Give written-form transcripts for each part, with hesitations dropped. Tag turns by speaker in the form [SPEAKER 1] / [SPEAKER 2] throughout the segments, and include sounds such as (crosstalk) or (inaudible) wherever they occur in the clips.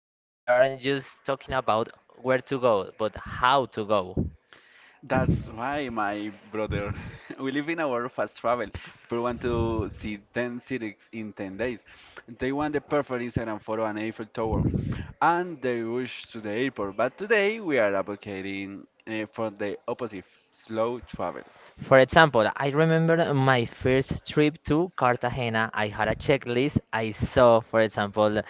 [SPEAKER 1] we aren't just talking about where to go, but how to go.
[SPEAKER 2] That's why, my brother. (laughs) We live in a world of fast travel. People want to see 10 cities in 10 days. They want the perfect Instagram photo and Eiffel Tower. And they rush to the airport. But today, we are advocating for the opposite, slow travel.
[SPEAKER 1] For example, I remember my first trip to Cartagena. I had a checklist. I saw, for example,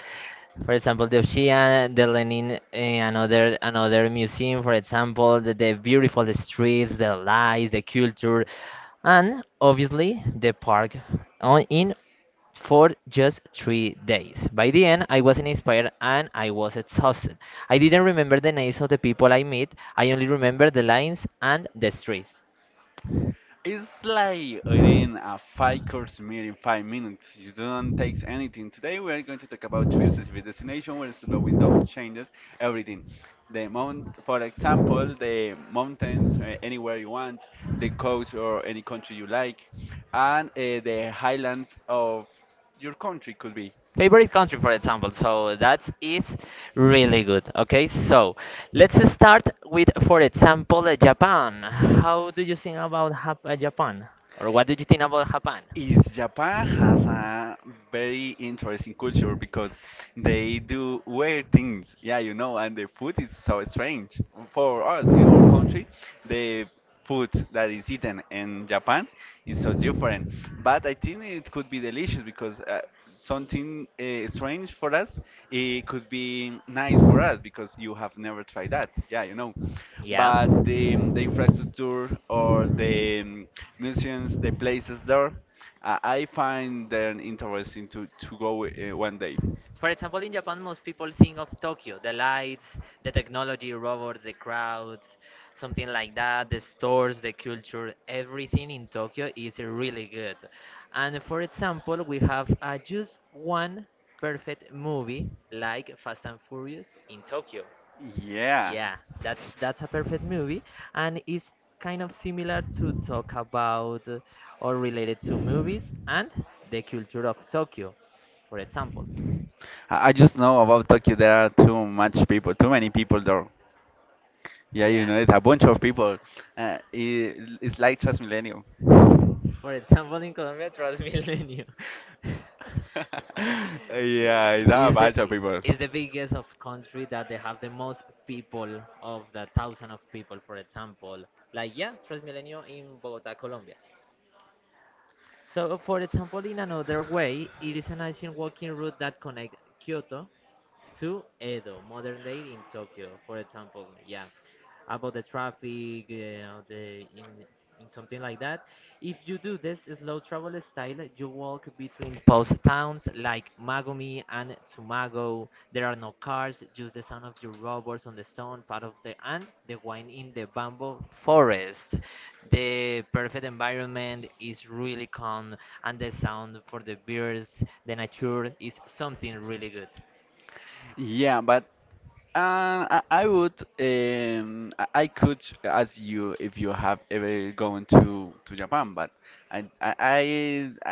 [SPEAKER 1] for example, the Ocean, the Lenin, another museum. For example, the beautiful streets, the lights, the culture, and obviously the park on, in for just 3 days. By the end, I wasn't inspired and I was exhausted. I didn't remember the names of the people I met, I only remembered the lines and the streets.
[SPEAKER 2] It's like eating a five course meal in 5 minutes. You don't take anything. Today we are going to talk about three specific destinations where slowing down changes everything. The mountains, anywhere you want, the coast or any country you like, and the highlands of your country could be.
[SPEAKER 1] Favorite country, for example. So that is really good. Okay, so let's start with, for example, Japan. How do you think about Japan? Or what do you think about Japan?
[SPEAKER 2] Is Japan has a very interesting culture because they do weird things. Yeah, you know, and the food is so strange. For us in our country, the food that is eaten in Japan is so different. But I think it could be delicious because something strange for us, it could be nice for us because you have never tried that. Yeah, you know, but the infrastructure or the museums, the places there. I find them interesting to go one day.
[SPEAKER 1] For example, in Japan, most people think of Tokyo, the lights, the technology, robots, the crowds, something like that, the stores, the culture. Everything in Tokyo is really good. And for example, we have just one perfect movie like Fast and Furious in Tokyo.
[SPEAKER 2] Yeah.
[SPEAKER 1] Yeah, that's a
[SPEAKER 2] I
[SPEAKER 1] perfect movie, and it's kind of similar to talk about, or related to, movies and the culture of Tokyo, for example.
[SPEAKER 2] I just know about Tokyo. There are too much people, Too many people there. Yeah, you
[SPEAKER 1] Yeah.
[SPEAKER 2] know, it's a bunch of people. It's like Transmillennial.
[SPEAKER 1] For example, in Colombia, Transmilenio (laughs) the-
[SPEAKER 2] (laughs) Yeah, it's not a
[SPEAKER 1] is the,
[SPEAKER 2] bunch of people.
[SPEAKER 1] is the biggest of country that they have the most people of the thousand of people, for example. Like, yeah, Transmilenio in Bogota, Colombia. So for example, in another way, it is an ancient walking route that connects Kyoto to Edo, modern day in Tokyo, for example. Yeah, about the traffic, you the in something like that. If you do this slow travel style, you walk between post towns like Magomi and Tsumago. There are no cars, just the sound of your robbers on the stone, part of the and the wine in the bamboo forest. The perfect environment is really calm, and the sound for the birds, the nature is something really good.
[SPEAKER 2] Yeah, but I would I could ask you if you have ever gone to Japan, but I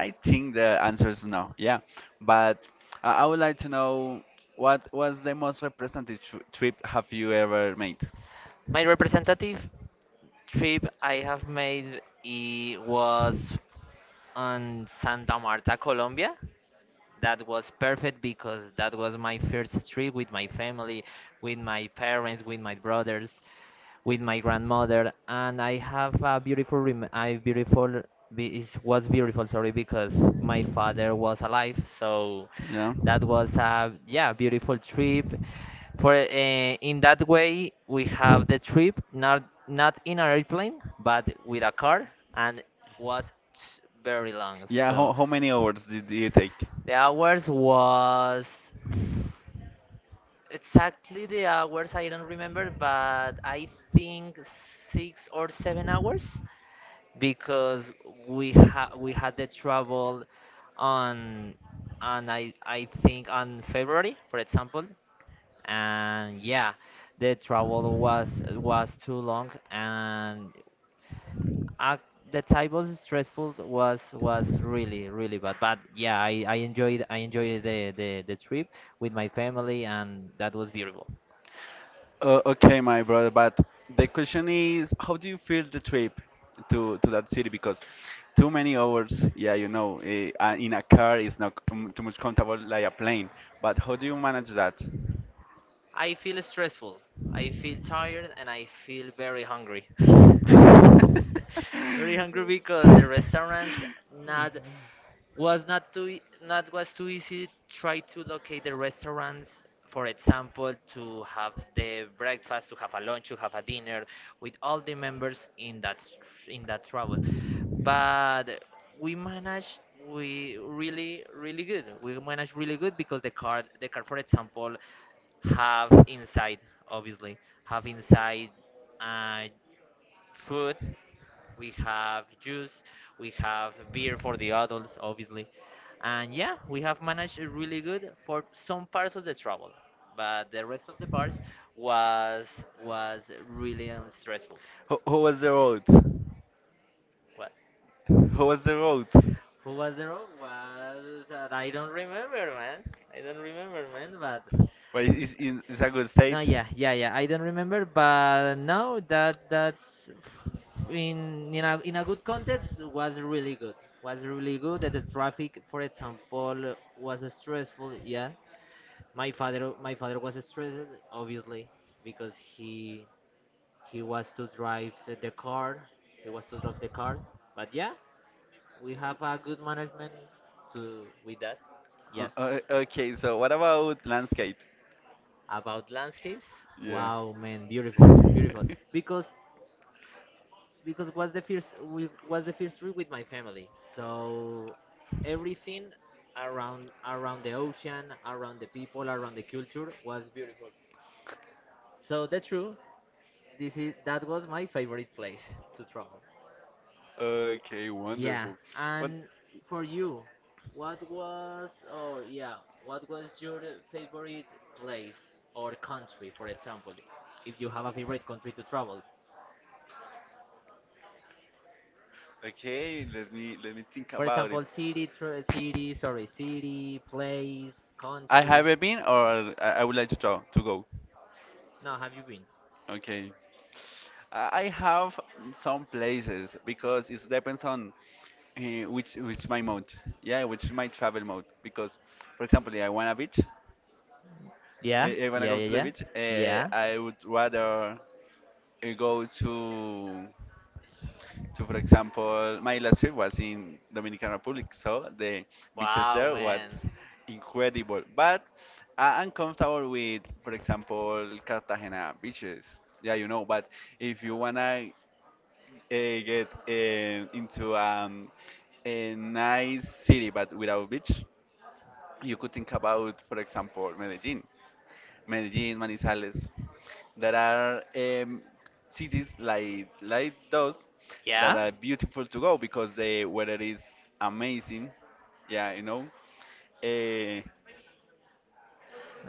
[SPEAKER 2] I think the answer is no. Yeah, but I would like to know what was the most trip have you ever made?
[SPEAKER 1] My representative trip I have made it was on Santa Marta, Colombia. That was perfect because that was my first trip with my family, with my parents, with my brothers, with my grandmother, and I have a beautiful, rem- I beautiful, be- it was beautiful, sorry, because my father was alive, so
[SPEAKER 2] Yeah.
[SPEAKER 1] that was a, yeah, beautiful trip. For in that way we have the trip not in an airplane but with a car, and was very long.
[SPEAKER 2] Yeah,
[SPEAKER 1] So.
[SPEAKER 2] how many hours did you take?
[SPEAKER 1] The hours was, exactly the hours I don't remember, but I think 6 or 7 hours, because we had the travel on on I think on February, for example. And yeah, the travel was too long, and uh, the time was stressful, was really bad. But yeah, I enjoyed, I enjoyed the trip with my family, and that was beautiful.
[SPEAKER 2] Okay, my brother, but the question is, how do you feel the trip to that city? Because too many hours, yeah, you know, in a car is not too much comfortable like a plane. But how do you manage that?
[SPEAKER 1] I feel stressful, I feel tired, and I feel very hungry. (laughs)
[SPEAKER 2] (laughs)
[SPEAKER 1] Very hungry because the restaurants not was not too e- not was too easy try to locate the restaurants, for example, to have the breakfast, to have a lunch, to have a dinner with all the members in in that travel. But we managed, we really good, we managed really good, because the card for example have inside, obviously, have inside uh, food. We have juice, we have beer for the adults, obviously. And yeah, we have managed it really good for some parts of the travel, but the rest of the parts was really stressful.
[SPEAKER 2] How was the road?
[SPEAKER 1] What?
[SPEAKER 2] How was the road?
[SPEAKER 1] Who was the road? Was that, I don't remember, man. I don't remember, man. But
[SPEAKER 2] Well, it's a good state.
[SPEAKER 1] no, yeah, yeah, yeah. I don't remember, but now that that's in a good context, was really good. Was really good. That the traffic, for example, was stressful. Yeah, my father was stressed, obviously, because he was to drive the car. He was to drive the car. But yeah, we have a good management to with that. Yeah,
[SPEAKER 2] Okay, so what about landscapes?
[SPEAKER 1] about landscapes.
[SPEAKER 2] Yeah.
[SPEAKER 1] Wow, man, beautiful, beautiful.
[SPEAKER 2] (laughs)
[SPEAKER 1] Because was the first, we was the first trip with my family. So everything, around the ocean, around the people, around the culture was beautiful. So that's true, this is that was my favorite place (laughs) to travel.
[SPEAKER 2] Okay,
[SPEAKER 1] Okay, yeah,
[SPEAKER 2] wonderful. What?
[SPEAKER 1] and for you, what was, what was your favorite place or country, for example, if you have a favorite country to travel
[SPEAKER 2] Okay, let me think about it.
[SPEAKER 1] it. City, tr city, sorry, city, place, I
[SPEAKER 2] I
[SPEAKER 1] country.
[SPEAKER 2] haven't been, or I would like to talk to go.
[SPEAKER 1] No, have you been?
[SPEAKER 2] Okay, I have some places because it depends on uh, which my mode. Yeah, which is my travel mode. Because, for example, I want a beach.
[SPEAKER 1] Yeah.
[SPEAKER 2] I wanna go to the beach. I would rather I go to, for example, my last trip was in Dominican Republic, so the beaches there was incredible, but I'm comfortable with, for example, Cartagena beaches, yeah, you know, but if you wanna get into a nice city but without beach, you could think about, for example, Medellin, Manizales. There are cities like those that are
[SPEAKER 1] Yeah.
[SPEAKER 2] beautiful to go because the weather is amazing. Yeah, you know, uh,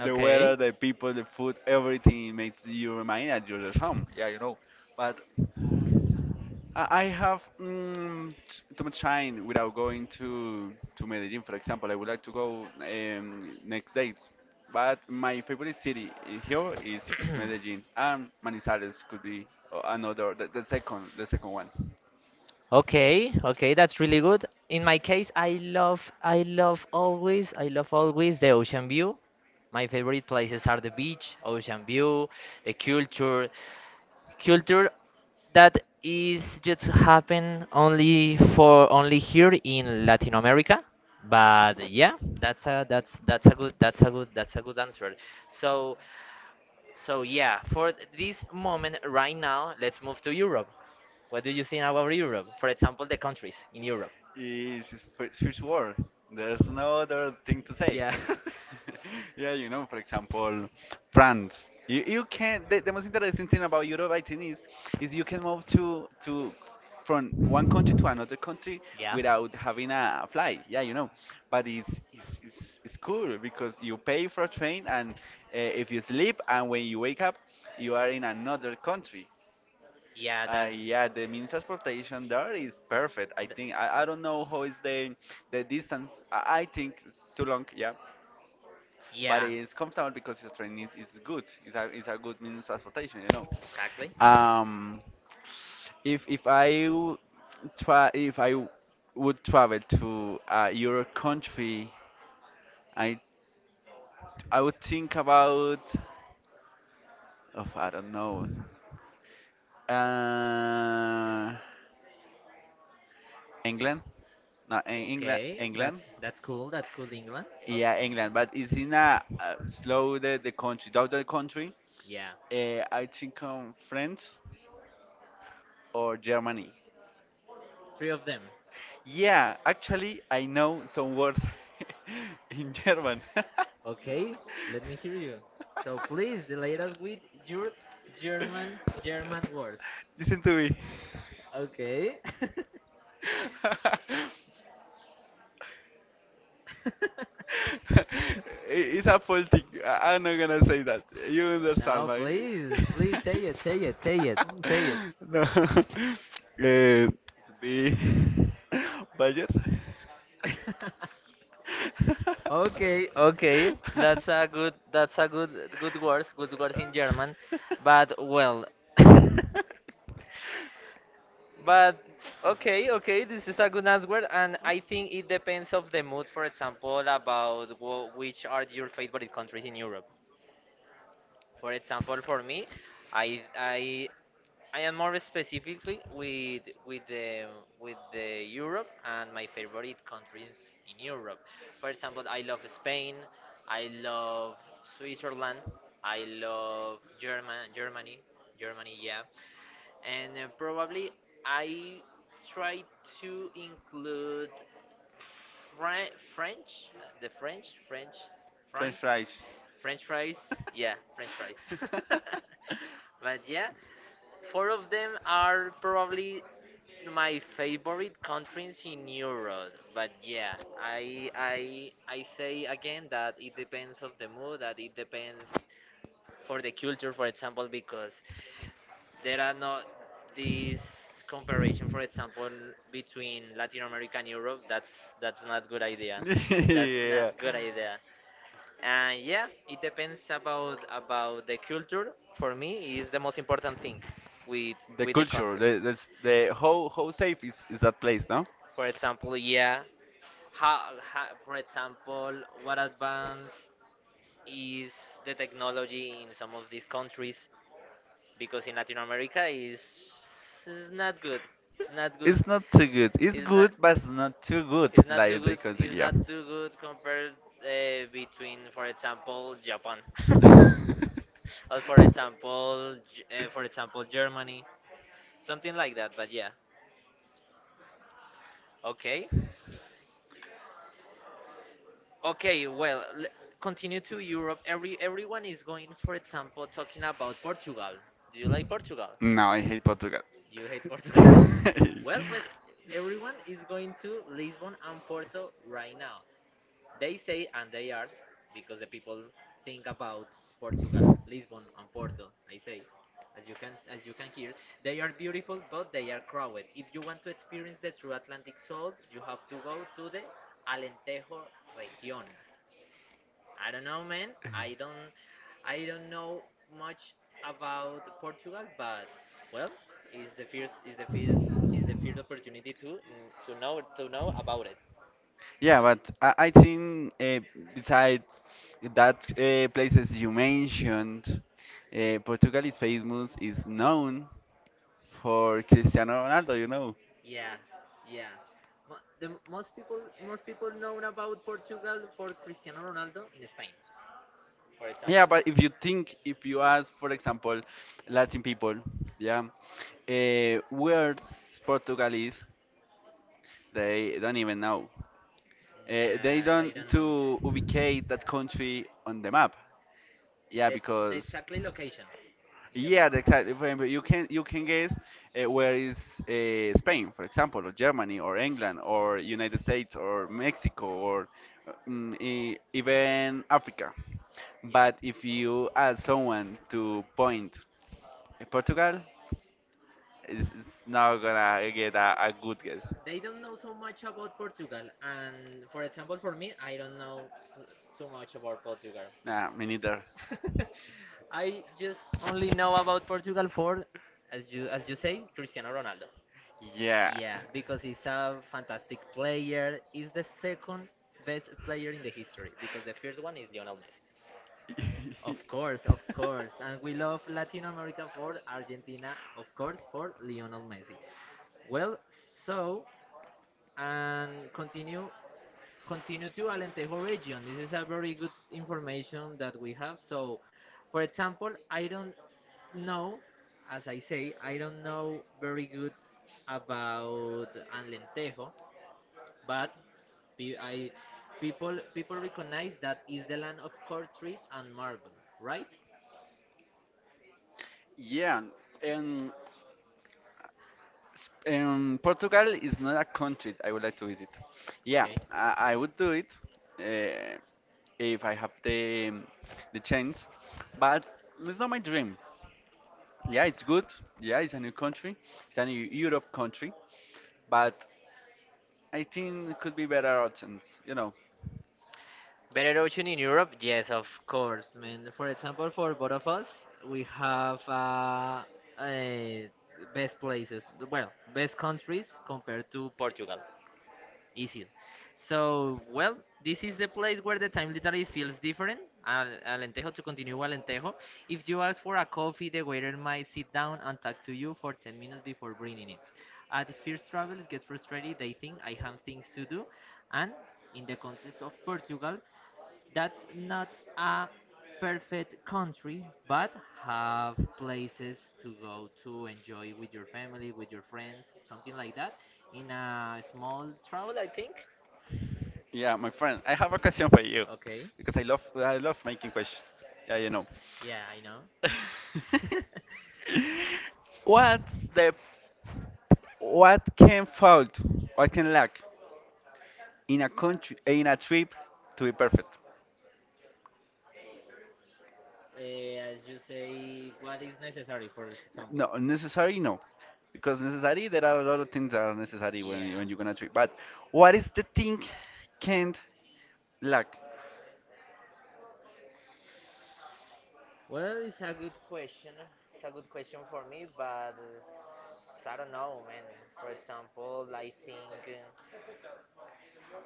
[SPEAKER 2] the weather, the people, the food, everything makes you remind that you're at home. Yeah, you know. But I have mm, t- too much time without going to Medellin, for example. I would like to go next dates, but my favorite city here is
[SPEAKER 1] (clears throat)
[SPEAKER 2] Medellin, and Manizales could be another the second one.
[SPEAKER 1] Okay, okay, that's really good. In my case, I love always the ocean view. My favorite places are the beach, ocean view, the culture that is just happen only for only here in Latin America. But yeah, that's a that's a good that's a good, that's a good answer. So so yeah, for this moment right now, let's move to Europe. What do you think about Europe? For example, the countries in Europe.
[SPEAKER 2] Is First world. There's no other thing to say. Yeah.
[SPEAKER 1] Yeah. (laughs)
[SPEAKER 2] (laughs) Yeah, you know, for example, France. You can the most interesting thing about Europe, I think, is you can move to from one country to another country. Yeah. Without having a flight. Yeah, you know, but it's cool because you pay for a train and if you sleep and when you wake up, you are in another country.
[SPEAKER 1] Yeah,
[SPEAKER 2] Yeah, the mini transportation there is perfect. I don't know how is the distance. I think it's too long. Yeah, but it's
[SPEAKER 1] but
[SPEAKER 2] comfortable because the train is good. It's a good mini transportation. You know.
[SPEAKER 1] exactly.
[SPEAKER 2] Um, if if I w- if would travel to your country, I I would think about. Of I don't know. Uh, England. No, in England,
[SPEAKER 1] Okay,
[SPEAKER 2] England.
[SPEAKER 1] that's cool. That's cool, England.
[SPEAKER 2] Yeah,
[SPEAKER 1] Okay.
[SPEAKER 2] England, but it's in
[SPEAKER 1] Okay.
[SPEAKER 2] a slow down the country.
[SPEAKER 1] Yeah,
[SPEAKER 2] I think France or Germany.
[SPEAKER 1] three of them.
[SPEAKER 2] Yeah, actually, I know some words (laughs) in German. (laughs) Okay,
[SPEAKER 1] Okay, let me hear you.
[SPEAKER 2] so
[SPEAKER 1] So please
[SPEAKER 2] (laughs)
[SPEAKER 1] delay us with your German words.
[SPEAKER 2] Listen to
[SPEAKER 1] Okay. (laughs) (laughs)
[SPEAKER 2] me. (laughs) (laughs) I- it's a full thing. I'm not gonna say that. You understand,
[SPEAKER 1] No,
[SPEAKER 2] right?
[SPEAKER 1] please,
[SPEAKER 2] (laughs)
[SPEAKER 1] please, say it, say it, say it, say
[SPEAKER 2] No. (laughs) Eh, the (laughs) budget. (laughs)
[SPEAKER 1] it. (laughs) Okay, okay. That's a good good words in German. But well. (laughs) But okay, okay, this is a good answer, and I think it depends of the mood, for example, about wh which are your favorite countries in Europe. For example, for me, I I I am more specifically with with the Europe and my favorite countries in Europe. For example, I love Spain, I love Switzerland, I love Germany, Germany, yeah. And probably I try to include French, the French,
[SPEAKER 2] French
[SPEAKER 1] France,
[SPEAKER 2] fries. (laughs)
[SPEAKER 1] French fries, yeah, French fries. (laughs)
[SPEAKER 2] fries.
[SPEAKER 1] But yeah, four of them are probably my favorite countries in Europe. But yeah, I say again that it depends of the mood, that it depends for the culture, for example, because there are not this comparison, for example, between Latin America and Europe. That's not good idea.
[SPEAKER 2] A (laughs)
[SPEAKER 1] (laughs) That's
[SPEAKER 2] yeah.
[SPEAKER 1] not
[SPEAKER 2] Not a.
[SPEAKER 1] good idea. And yeah, it depends about the culture. For me, is the most important thing with
[SPEAKER 2] The
[SPEAKER 1] the
[SPEAKER 2] culture, the how safe is that place now?
[SPEAKER 1] for example, yeah. How, for example, what advance is the technology in some of these countries? Because in Latin America, is not good. It's not
[SPEAKER 2] Not good.
[SPEAKER 1] good.
[SPEAKER 2] It's not too good. It's
[SPEAKER 1] It's
[SPEAKER 2] No, good, but it's not too good. It's not
[SPEAKER 1] not too
[SPEAKER 2] Like the
[SPEAKER 1] good.
[SPEAKER 2] country,
[SPEAKER 1] It's
[SPEAKER 2] yeah.
[SPEAKER 1] not
[SPEAKER 2] (laughs)
[SPEAKER 1] too good compared, between, for example, Japan, (laughs) or for
[SPEAKER 2] (laughs)
[SPEAKER 1] example, for example, Germany, something like that. But yeah, okay. Okay, well, continue to Europe. Everyone is going, for example, talking about Portugal. Do you like Portugal?
[SPEAKER 2] No, I hate Portugal.
[SPEAKER 1] You hate Portugal.
[SPEAKER 2] (laughs)
[SPEAKER 1] (laughs) Well, pues, everyone is going to Lisbon and Porto right now. They say, and they are because the people think about Portugal, Lisbon and Porto. I say, as you can hear, they are beautiful, but they are crowded. If you want to experience the true Atlantic soul, you have to go to the Alentejo region. I don't know, man. I don't, I don't know much about Portugal, but well, it's the first, is the first, the first opportunity to know, to know about it.
[SPEAKER 2] Yeah, but I think besides that places you mentioned, Portugal is famous, is known for Cristiano Ronaldo, you know.
[SPEAKER 1] Yeah, yeah. The most people, most people know about Portugal for Cristiano Ronaldo in Spain, for yeah,
[SPEAKER 2] Yeah,
[SPEAKER 1] example.
[SPEAKER 2] but if you think, if you ask, for example, Latin people, yeah, where Portugal is, they don't even know. They
[SPEAKER 1] Nah,
[SPEAKER 2] don't
[SPEAKER 1] they don't know.
[SPEAKER 2] to ubicate that country on the map. Yeah,
[SPEAKER 1] That's the
[SPEAKER 2] because
[SPEAKER 1] exactly location.
[SPEAKER 2] yeah, the exact. For example, you can guess where is Spain, for example, or Germany, or England, or United States, or Mexico, or even Africa. But if you ask someone to point at Portugal, it's not gonna get a good guess.
[SPEAKER 1] They don't know so much about Portugal, and for example, for me, I don't know too much about Portugal.
[SPEAKER 2] Nah, me neither.
[SPEAKER 1] (laughs) I just only know about Portugal for, as you say, Cristiano Ronaldo.
[SPEAKER 2] Yeah.
[SPEAKER 1] Yeah, because he's a fantastic player. He's the second best player in the history, because the first one is Lionel Messi.
[SPEAKER 2] Messi.
[SPEAKER 1] Of course, of
[SPEAKER 2] (laughs)
[SPEAKER 1] course. And we love Latin America for Argentina, of course, for Lionel Messi. Well, so and continue to Alentejo region. This is a very good information that we have. So, for example, I don't know, as I say, I don't know very good about Alentejo, but pe- I people recognize that is the land of cork trees and marble, right?
[SPEAKER 2] Yeah. And, and Portugal is not a country I would like to visit. Yeah, okay.
[SPEAKER 1] Okay.
[SPEAKER 2] I would do it uh, if I have the chance, but it's not my dream. Yeah, it's good. Yeah, it's a new country. It's a new Europe country, but I think it could be better options. You know.
[SPEAKER 1] Better ocean in Europe? Yes, of course, man. For example, for both of us, we have uh, best places, well, best countries compared to Portugal. Easy. So, well, this is the place where the time literally feels different. Alentejo, to continue with Alentejo. If you ask for a coffee, the waiter might sit down and talk to you for 10 minutes before bringing it. At first travelers get frustrated, they think I have things to do, and in the context of Portugal, that's not a perfect country, but have places to go to enjoy with your family, with your friends, something like that, in a small travel, I think.
[SPEAKER 2] Yeah, my friend, I have a question for you
[SPEAKER 1] Okay.
[SPEAKER 2] because I love making questions. Yeah, you know.
[SPEAKER 1] Yeah, I know. (laughs)
[SPEAKER 2] (laughs) What's the what can fault? What can lack in a country in a trip to be perfect?
[SPEAKER 1] As you say, what is necessary for this example?
[SPEAKER 2] No, necessary no, because necessary there are a lot of things that are necessary
[SPEAKER 1] Yeah.
[SPEAKER 2] when you're gonna trip. But what is the thing can't lack?
[SPEAKER 1] Well, it's a good question. It's a good question for me, but I don't know, man. For example,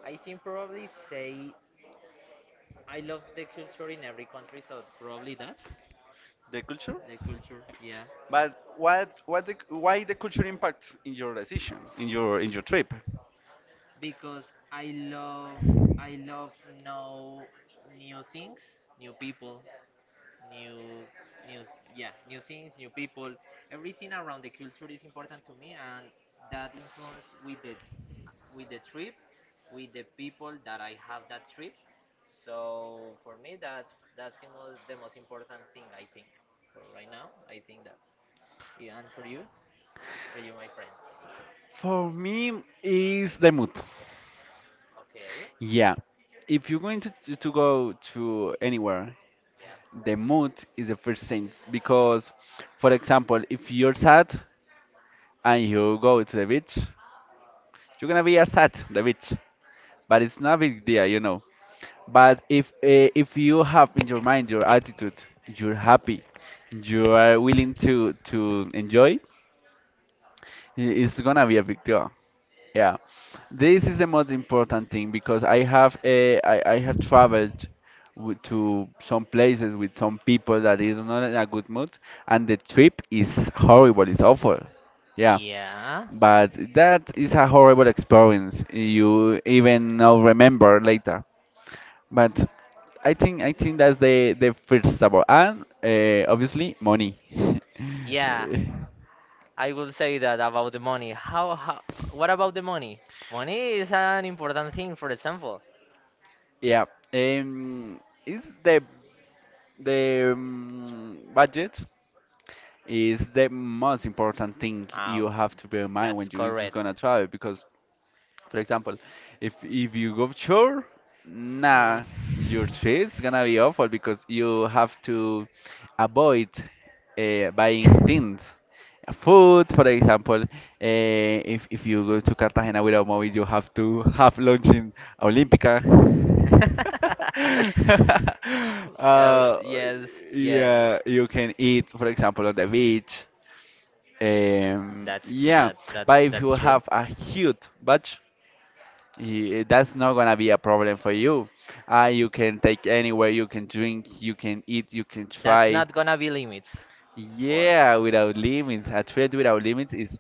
[SPEAKER 1] I think probably say I love the culture in every country, so probably that
[SPEAKER 2] The culture?
[SPEAKER 1] the culture, yeah,
[SPEAKER 2] But what the, why the culture impacts in your decision in your trip?
[SPEAKER 1] because I love know new things, new people, new new, yeah, new things, new people. Everything around the culture is important to me, and that influence with the trip, with the people that I have that trip. So for me, that's the most, important thing I think. For right now, I think that. Yeah, and for you, my friend.
[SPEAKER 2] For me, is the mood.
[SPEAKER 1] Okay.
[SPEAKER 2] Yeah, if you're going to go to anywhere,
[SPEAKER 1] Yeah.
[SPEAKER 2] the mood is the first thing because, for example, if you're sad and you go to the beach, you're gonna be as sad the beach, but it's not a big deal, you know. But if you have in your mind your attitude, you're happy, you are willing to enjoy, it's gonna be a big deal. Yeah, this is the most important thing because I have traveled w to some places with some people that is not in a good mood, and the trip is horrible, it's awful. Yeah,
[SPEAKER 1] Yeah.
[SPEAKER 2] but that is a horrible experience. You even now remember later. But I think that's the first support, and obviously money. (laughs)
[SPEAKER 1] Yeah. I will say that about the money. How what about the money? Money is an important thing, for example.
[SPEAKER 2] Yeah, um, is the budget is the most important thing
[SPEAKER 1] Ah,
[SPEAKER 2] you have to bear in mind when
[SPEAKER 1] that's
[SPEAKER 2] you're just
[SPEAKER 1] correct.
[SPEAKER 2] gonna travel because for example, if you go short, nah, your trade is gonna be awful because you have to avoid buying things. Food, for example, if you go to Cartagena without money, you have to have lunch in Olympica.
[SPEAKER 1] (laughs) (laughs)
[SPEAKER 2] (laughs)
[SPEAKER 1] Uh,
[SPEAKER 2] uh,
[SPEAKER 1] yes, yeah.
[SPEAKER 2] yeah, you can eat, for example, on the beach.
[SPEAKER 1] That's
[SPEAKER 2] Yeah,
[SPEAKER 1] that's that's
[SPEAKER 2] but
[SPEAKER 1] that's if
[SPEAKER 2] if you
[SPEAKER 1] that's true.
[SPEAKER 2] have a huge budget, yeah, that's not gonna be a problem for you. You can take anywhere, you can drink, you can eat, you can
[SPEAKER 1] That's
[SPEAKER 2] try.
[SPEAKER 1] not gonna be limits for.
[SPEAKER 2] Yeah, without limits. A trip without limits is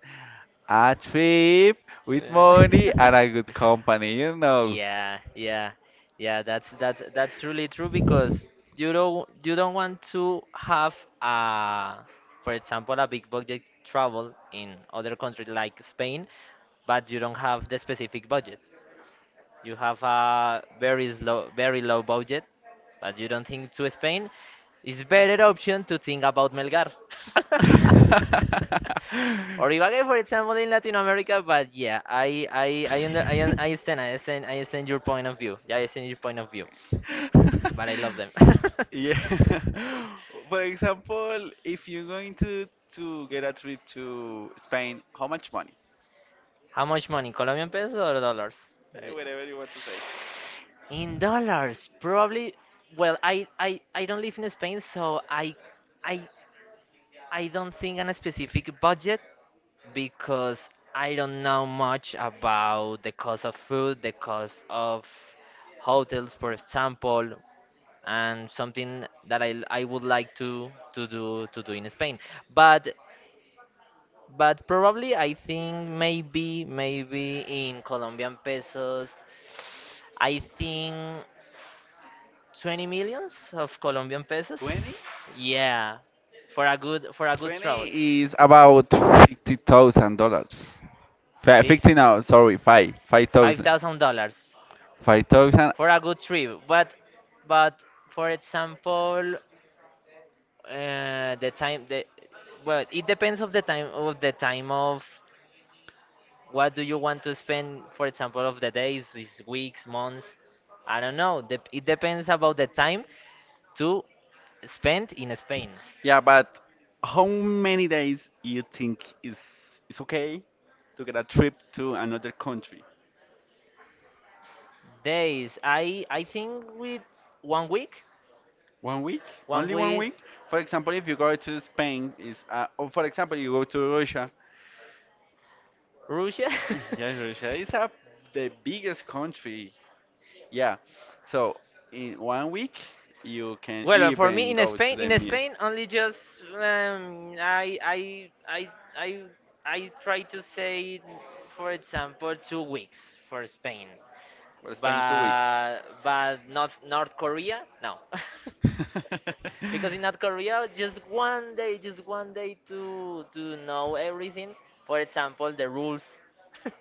[SPEAKER 2] a trip with
[SPEAKER 1] Yeah.
[SPEAKER 2] money and a good
[SPEAKER 1] (laughs) (laughs)
[SPEAKER 2] company, you know.
[SPEAKER 1] Yeah, yeah. Yeah, that's really true because you don't want to have a for example a big budget travel in other country like Spain, but you don't have the specific budget. You have a very slow, very low budget, but you don't think to Spain. It's better option to think about Melgar. (laughs) Or
[SPEAKER 2] (laughs)
[SPEAKER 1] Ibagué, for example, in Latin America. But yeah, I understand. I understand. I understand your point of view. Yeah, I understand your point of view. But I love them. (laughs)
[SPEAKER 2] Yeah. (laughs) For example, if you're going to get a trip to Spain, how much money?
[SPEAKER 1] How much money? Colombian pesos or dollars? Uh,
[SPEAKER 2] Eh, whatever you want to say.
[SPEAKER 1] In dollars, probably. Well, I don't live in Spain, so I I don't think on a specific budget, because I don't know much about the cost of food, the cost of hotels, for example, and something that I would like to, to do in Spain. But probably I think maybe in Colombian pesos, I think 20 millions of Colombian pesos.
[SPEAKER 2] 20?
[SPEAKER 1] Yeah, for a good travel,
[SPEAKER 2] 20 is about $50,000. 50 now, sorry, 5.
[SPEAKER 1] five
[SPEAKER 2] 5,000.
[SPEAKER 1] thousand dollars.
[SPEAKER 2] 5,000.
[SPEAKER 1] for a good trip. But but for example, the time the well, it depends of the time of what do you want to spend. For example, of the days, is weeks, months. I don't know. Dep it depends about the time to spend in Spain.
[SPEAKER 2] Yeah, but how many days you think is okay to get a trip to another country?
[SPEAKER 1] Days, I think with one week,
[SPEAKER 2] 1 week?
[SPEAKER 1] one
[SPEAKER 2] Only one
[SPEAKER 1] week.
[SPEAKER 2] week? For example, if you go to Spain, is or for example you go to Russia.
[SPEAKER 1] Russia. (laughs)
[SPEAKER 2] Yeah, Russia is the biggest country. Yeah. So in 1 week, you can
[SPEAKER 1] Well, for me
[SPEAKER 2] even go to the
[SPEAKER 1] In
[SPEAKER 2] meal.
[SPEAKER 1] Spain
[SPEAKER 2] (laughs)
[SPEAKER 1] only just I I try to say, for example, 2 weeks for Spain,
[SPEAKER 2] Well, Spain 2 weeks.
[SPEAKER 1] but not North Korea, no, (laughs) because in North Korea just one day to know everything. For example, the rules. (laughs)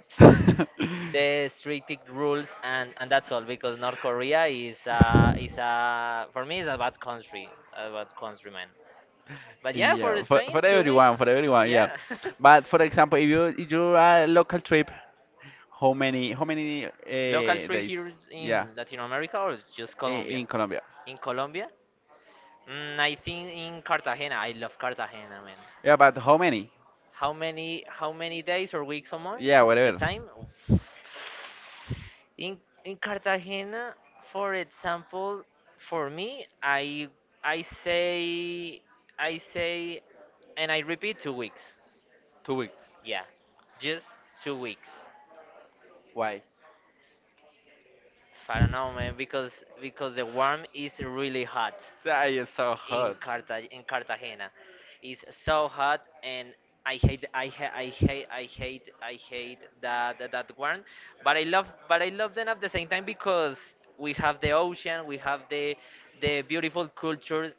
[SPEAKER 1] The strict rules, and that's all, because North Korea is, for me, is a bad country, man.
[SPEAKER 2] (laughs) (laughs) (laughs)
[SPEAKER 1] But yeah, for
[SPEAKER 2] Yeah,
[SPEAKER 1] Spain, 2 weeks,
[SPEAKER 2] for everyone, yeah.
[SPEAKER 1] yeah. (laughs)
[SPEAKER 2] But for example, if you are a local trip, how many
[SPEAKER 1] Local trip
[SPEAKER 2] days?
[SPEAKER 1] here in
[SPEAKER 2] Yeah,
[SPEAKER 1] Latin America or just Colombia
[SPEAKER 2] In Colombia.
[SPEAKER 1] in Colombia I think in Cartagena, I love Cartagena, man.
[SPEAKER 2] Yeah, but how many?
[SPEAKER 1] How many days or weeks or months?
[SPEAKER 2] Yeah,
[SPEAKER 1] The
[SPEAKER 2] whatever.
[SPEAKER 1] time? In in Cartagena, for example, for me, I say I say and I repeat, 2 weeks.
[SPEAKER 2] 2 weeks.
[SPEAKER 1] Yeah, just 2 weeks.
[SPEAKER 2] Why?
[SPEAKER 1] I don't know, man, because the warm is really hot
[SPEAKER 2] That is so
[SPEAKER 1] in
[SPEAKER 2] hot.
[SPEAKER 1] Cartagena. It's so hot, and I hate I ha I hate I hate I hate that warm. But I love, them at the same time, because we have the ocean, we have the beautiful culture,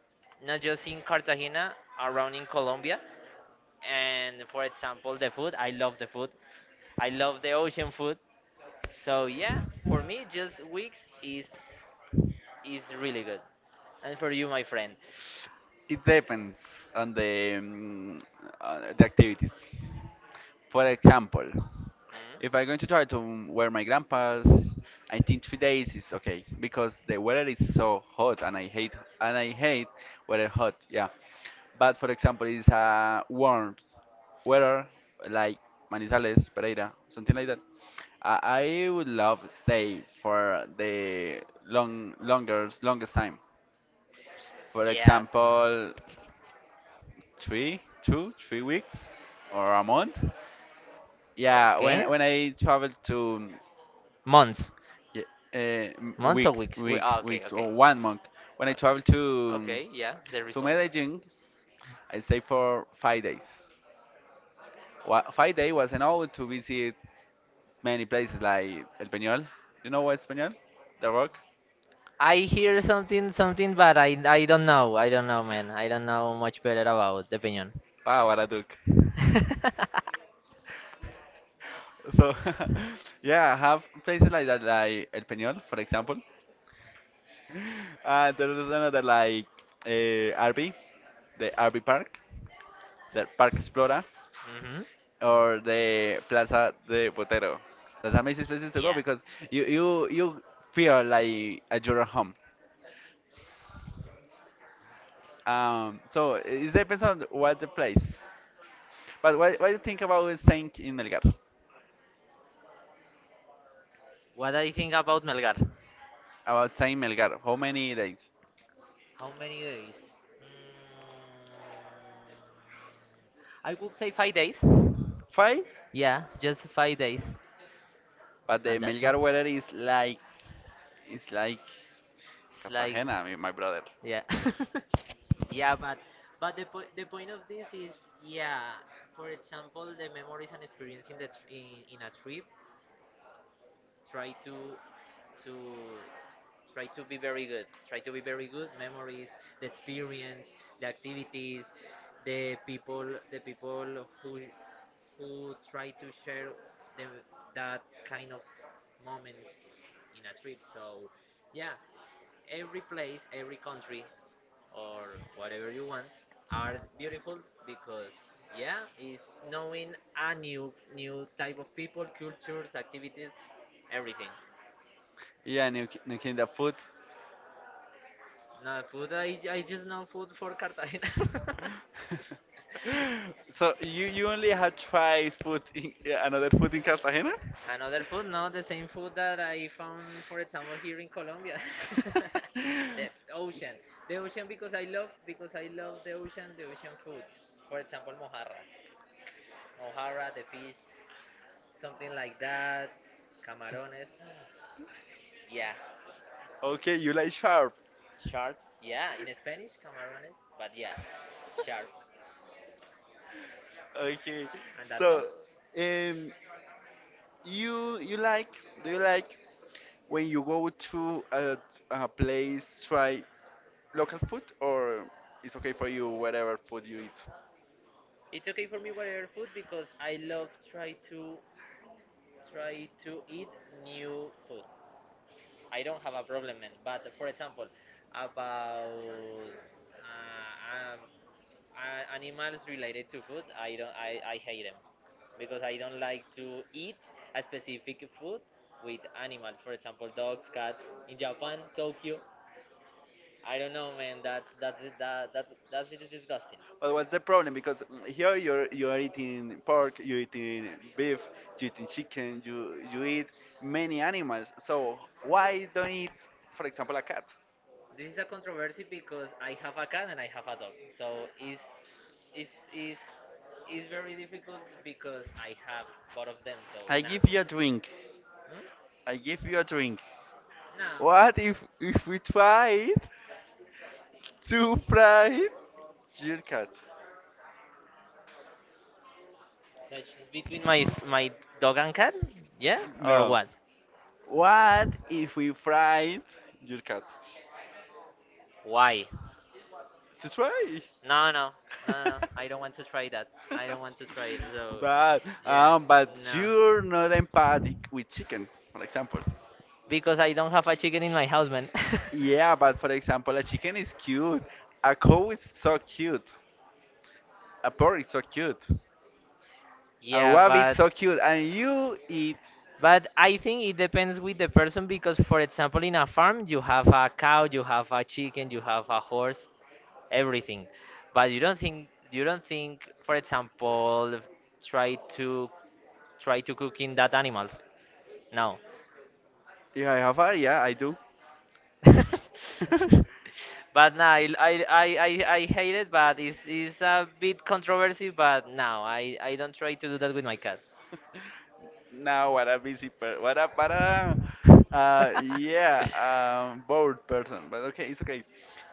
[SPEAKER 1] not just in Cartagena, around in Colombia. And for example, the food. I love the food. I love the ocean food. So yeah, for me, just weeks is really good. And for you, my friend.
[SPEAKER 2] It depends on the activities. For example,
[SPEAKER 1] Mm.
[SPEAKER 2] if I'm going to try to wear my grandpa's, I think 3 days is okay because the weather is so hot and I hate weather hot. Yeah, but for example, it's a warm weather like Manizales, Pereira, something like that. I, I would love stay for the longest time. For example 3 weeks or a month.
[SPEAKER 1] Yeah.
[SPEAKER 2] Yeah, when
[SPEAKER 1] Okay.
[SPEAKER 2] when I traveled to
[SPEAKER 1] Months,
[SPEAKER 2] yeah, uh,
[SPEAKER 1] months or
[SPEAKER 2] weeks,
[SPEAKER 1] weeks?
[SPEAKER 2] weeks,
[SPEAKER 1] Okay,
[SPEAKER 2] weeks
[SPEAKER 1] okay.
[SPEAKER 2] or 1 month. When I traveled
[SPEAKER 1] Uh,
[SPEAKER 2] to
[SPEAKER 1] okay. Yeah, the
[SPEAKER 2] to
[SPEAKER 1] result.
[SPEAKER 2] Medellin, I stayed for 5 days. 5 days was enough to visit many places like El Peñol. You know what Peñol? The Rock.
[SPEAKER 1] I hear something, but I don't know. I don't know, man. I don't know much better about the piñon.
[SPEAKER 2] Ah, what a Duke.
[SPEAKER 1] (laughs)
[SPEAKER 2] So (laughs) yeah, I have places like that, like El Peñol, for example. There is another like RV, the RV Park, the Park Explora,
[SPEAKER 1] Hmm.
[SPEAKER 2] or the Plaza de Botero. That's amazing places to go
[SPEAKER 1] Yeah.
[SPEAKER 2] because you feel like at your home. So it depends on what the place. But what do you think about Saint in Melgar?
[SPEAKER 1] What do you think about Melgar?
[SPEAKER 2] About Saint Melgar, how many days?
[SPEAKER 1] How many days? Mm, I would say 5 days.
[SPEAKER 2] Five.
[SPEAKER 1] Yeah, just 5 days,
[SPEAKER 2] But the
[SPEAKER 1] and that's all.
[SPEAKER 2] Melgar weather is like
[SPEAKER 1] It's like.
[SPEAKER 2] Cartagena, I mean, my brother.
[SPEAKER 1] Yeah. (laughs) Yeah, but the po the point of this is, yeah, for example, the memories and experience in the tr in a trip, try to to try to be very good. Try to be very good. Memories, the experience, the activities, the people, who try to share the, that kind of moments in a trip. So, yeah, every place, every country or whatever you want are beautiful, because yeah, it's knowing a new type of people, cultures, activities, everything.
[SPEAKER 2] Yeah, New King, the food.
[SPEAKER 1] No food. I just know food for Cartagena.
[SPEAKER 2] (laughs) So you only have tried food in yeah, another food in Cartagena?
[SPEAKER 1] (laughs) Another
[SPEAKER 2] (laughs)
[SPEAKER 1] food,
[SPEAKER 2] (laughs)
[SPEAKER 1] no, the same food that I found, for example, here in Colombia.
[SPEAKER 2] (laughs) the
[SPEAKER 1] (laughs) The ocean, because I love, the ocean, the ocean food, for example, mojarra, the fish, something like that. Camarones. Yeah.
[SPEAKER 2] Okay, you like sharks.
[SPEAKER 1] Sharp. Yeah, in Spanish, camarones. But yeah, sharp.
[SPEAKER 2] Okay,
[SPEAKER 1] And that's all.
[SPEAKER 2] so um, you you like do you like When you go to a place, try local food, or it's okay for you whatever food you eat.
[SPEAKER 1] It's okay for me whatever food, because I love try to eat new food. I don't have a problem, man. But for example, about uh, um, animals related to food, I don't I hate them, because I don't like to eat a specific food with animals, for example, dogs, cats, in Japan, Tokyo. I don't know, man. That's that, that that's, it is disgusting.
[SPEAKER 2] But what's the problem? Because here you are eating pork, you eating beef, you eating chicken, you eat many animals. So why don't eat, for example, a cat?
[SPEAKER 1] This is a controversy, because I have a cat and I have a dog, so it's it's, it's very difficult because I have both of them, so
[SPEAKER 2] I
[SPEAKER 1] nah.
[SPEAKER 2] give you a drink.
[SPEAKER 1] Hmm?
[SPEAKER 2] I give you a drink.
[SPEAKER 1] No,
[SPEAKER 2] What if we tried to fry your cat?
[SPEAKER 1] so it's between my dog and cat, yeah, or
[SPEAKER 2] No.
[SPEAKER 1] what.
[SPEAKER 2] What if we fried your cat?
[SPEAKER 1] Why?
[SPEAKER 2] To try.
[SPEAKER 1] No, no, no, no, no. I don't
[SPEAKER 2] (laughs)
[SPEAKER 1] want to try that. I don't want to try it. So,
[SPEAKER 2] But
[SPEAKER 1] yeah,
[SPEAKER 2] um, but
[SPEAKER 1] no.
[SPEAKER 2] you're not empathic with chicken, for example.
[SPEAKER 1] Because I don't have a chicken in my house, man.
[SPEAKER 2] Yeah, but for example, a chicken is cute. A cow is so
[SPEAKER 1] (laughs)
[SPEAKER 2] cute. A pork is so cute. A
[SPEAKER 1] Yeah,
[SPEAKER 2] rabbit
[SPEAKER 1] but
[SPEAKER 2] so cute. And you eat.
[SPEAKER 1] I think it depends with the person, because, for example, in a farm you have a cow, you have a chicken, you have a horse, everything, but you don't think, for example, try to try to cook in that animals, no.
[SPEAKER 2] Yeah, I have a, yeah, I do.
[SPEAKER 1] (laughs)
[SPEAKER 2] (laughs)
[SPEAKER 1] But nah, I hate it, but it's a bit controversy, but no, I don't try to do that with my cat.
[SPEAKER 2] (laughs) Now what a busy per what a but a yeah bored person. But okay, it's okay.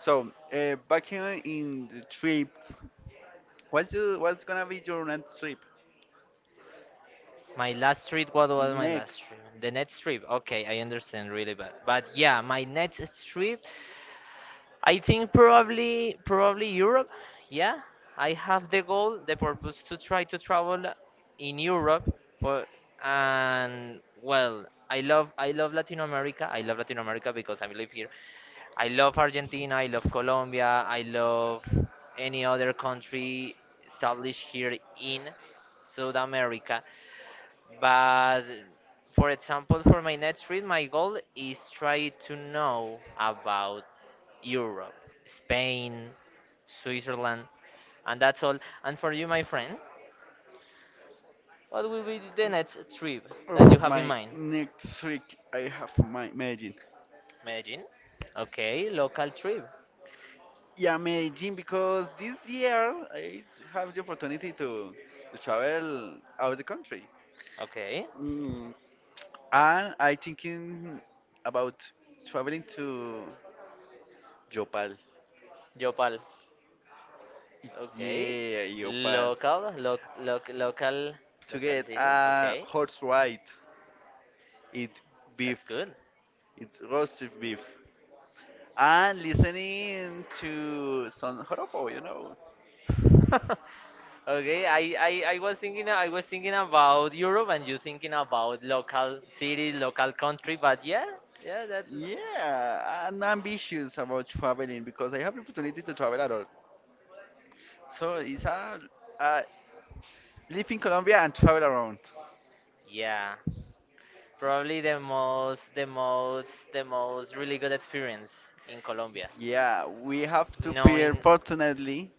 [SPEAKER 2] So back in the trips,
[SPEAKER 1] (laughs)
[SPEAKER 2] what's gonna be your next trip?
[SPEAKER 1] My last trip, what was my
[SPEAKER 2] Next,
[SPEAKER 1] last trip? The next trip, okay, I understand really bad. But yeah, my next trip, I think probably Europe. Yeah, I have the goal, the purpose to try to travel in Europe. For and well, I love, Latin America. I love Latin America because I live here. I love Argentina. I love Colombia. I love any other country established here in South America. But for example, for my next trip, my goal is try to know about Europe, Spain, Switzerland, and that's all. And for you, my friend, what will be the next trip that you
[SPEAKER 2] Oof,
[SPEAKER 1] have in
[SPEAKER 2] my
[SPEAKER 1] mind?
[SPEAKER 2] next trip I have my Medellin.
[SPEAKER 1] Medellin? Okay, local trip.
[SPEAKER 2] Yeah, Medellin because this year I have the opportunity to travel out of the country.
[SPEAKER 1] Okay.
[SPEAKER 2] Mm. And I thinking about traveling to Yopal.
[SPEAKER 1] Yopal. Okay.
[SPEAKER 2] Yeah, Yopal.
[SPEAKER 1] Local,
[SPEAKER 2] To
[SPEAKER 1] local
[SPEAKER 2] get
[SPEAKER 1] city.
[SPEAKER 2] a
[SPEAKER 1] Okay.
[SPEAKER 2] horse ride, eat
[SPEAKER 1] That's
[SPEAKER 2] beef,
[SPEAKER 1] good.
[SPEAKER 2] it's roasted beef, and listening to some joropo, you know.
[SPEAKER 1] (laughs) Okay, I was thinking about Europe, and you thinking about local city, local country, but yeah, yeah, that's
[SPEAKER 2] Yeah, I'm ambitious about traveling because I have the opportunity to travel a lot. So it's a, uh, live in Colombia and travel around.
[SPEAKER 1] yeah, probably the most, the most really good experience in Colombia.
[SPEAKER 2] Yeah, we have to fear
[SPEAKER 1] Knowing
[SPEAKER 2] fortunately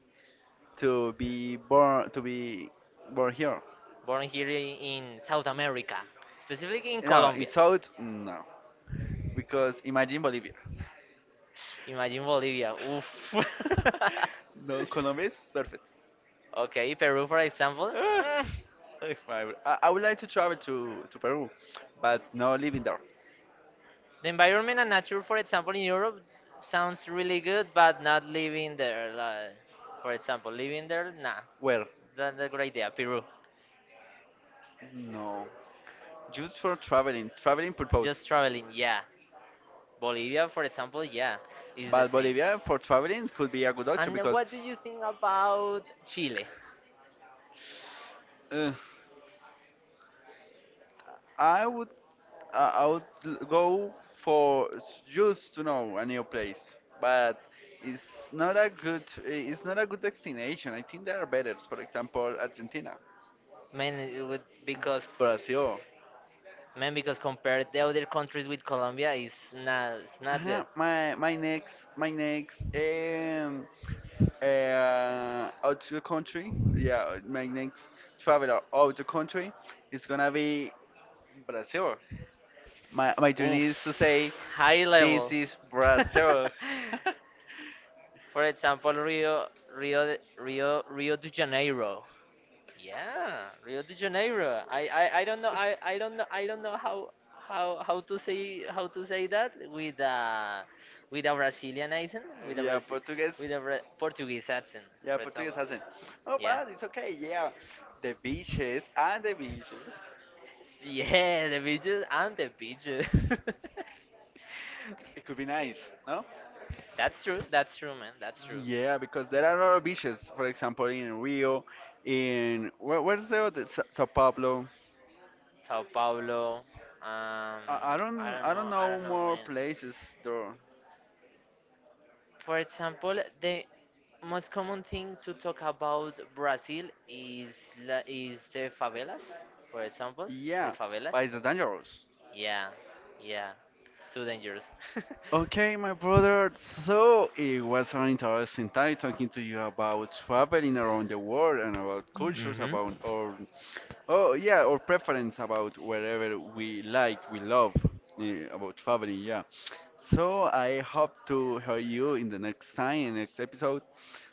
[SPEAKER 2] to be born here.
[SPEAKER 1] Born here, in South America, specifically in
[SPEAKER 2] No, in
[SPEAKER 1] Colombia.
[SPEAKER 2] South, no, because imagine Bolivia.
[SPEAKER 1] Imagine Bolivia. Oof. (laughs)
[SPEAKER 2] (laughs) No, Colombia is perfect.
[SPEAKER 1] Okay, Peru, for example.
[SPEAKER 2] Ah,
[SPEAKER 1] (laughs) Hmm.
[SPEAKER 2] if I, were- I would like to travel to Peru, but no living there.
[SPEAKER 1] The environment and nature, for example, in Europe sounds really good, but not living there. Like, for example, living there, nah,
[SPEAKER 2] Where?
[SPEAKER 1] it's not a good idea. Peru,
[SPEAKER 2] No, just for traveling, traveling
[SPEAKER 1] just
[SPEAKER 2] purpose.
[SPEAKER 1] traveling, yeah. Bolivia, for example, yeah, is the
[SPEAKER 2] But
[SPEAKER 1] same.
[SPEAKER 2] Bolivia for traveling could be a good option
[SPEAKER 1] And
[SPEAKER 2] because,
[SPEAKER 1] what do you think about Chile?
[SPEAKER 2] uh, I would go for just to know a new place, but it's not a good it's not a good destination. I think there are better. For example, Argentina,
[SPEAKER 1] Man, it would, because,
[SPEAKER 2] Brazil.
[SPEAKER 1] man, because compared the other countries with Colombia, it's not, good.
[SPEAKER 2] Uh-huh. My next out to the country. Yeah, my next traveler out the country is gonna be Brazil. My dream is to
[SPEAKER 1] Oof,
[SPEAKER 2] say,
[SPEAKER 1] high
[SPEAKER 2] this
[SPEAKER 1] level.
[SPEAKER 2] is
[SPEAKER 1] (laughs)
[SPEAKER 2] Brazil. (laughs)
[SPEAKER 1] For example, Rio, Rio, Rio de Janeiro. Yeah, Rio de Janeiro. I don't know. I don't know. I don't know how, to say, that with a, Brazilian accent, with a
[SPEAKER 2] Yeah,
[SPEAKER 1] Brazil,
[SPEAKER 2] Portuguese.
[SPEAKER 1] with a Bra- Portuguese accent,
[SPEAKER 2] Yeah,
[SPEAKER 1] for example.
[SPEAKER 2] Portuguese hasn't. Oh,
[SPEAKER 1] Yeah. (laughs)
[SPEAKER 2] but it's okay. Yeah, the beaches and the beaches.
[SPEAKER 1] Yeah, the beaches and the beaches. (laughs)
[SPEAKER 2] It could be nice, no?
[SPEAKER 1] That's true. That's true, man. That's true.
[SPEAKER 2] Yeah, because there are other beaches, for example, in Rio, in where, where's the other, Sao Paulo?
[SPEAKER 1] Sao Paulo. Um, I don't
[SPEAKER 2] I
[SPEAKER 1] know.
[SPEAKER 2] don't
[SPEAKER 1] I
[SPEAKER 2] know
[SPEAKER 1] don't know,
[SPEAKER 2] more
[SPEAKER 1] man.
[SPEAKER 2] places though.
[SPEAKER 1] For example, the most common thing to talk about Brazil is the favelas. For example, the
[SPEAKER 2] Yeah,
[SPEAKER 1] favelas.
[SPEAKER 2] but it's dangerous.
[SPEAKER 1] Yeah, yeah. Too dangerous. (laughs)
[SPEAKER 2] Okay, my brother. So it was an interesting time talking to you about traveling around the world and about cultures,
[SPEAKER 1] Mhm.
[SPEAKER 2] about oh yeah, our preference about wherever we like, we love about traveling. Yeah. So I hope to hear you in the next time, in next episode.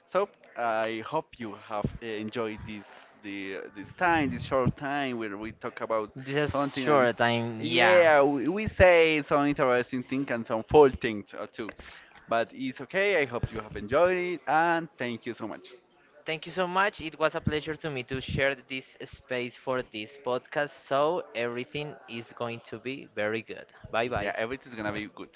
[SPEAKER 2] So I hope you have enjoyed this time, this short time where we talk about
[SPEAKER 1] This is
[SPEAKER 2] something and
[SPEAKER 1] short time. Yeah.
[SPEAKER 2] yeah, we say some interesting things and some full things or two. But it's okay. I hope you have enjoyed it and thank you so much.
[SPEAKER 1] Thank you so much. It was a pleasure to me to share this space for this podcast. So everything is going to be very good. Bye bye.
[SPEAKER 2] Yeah, everything's gonna be good.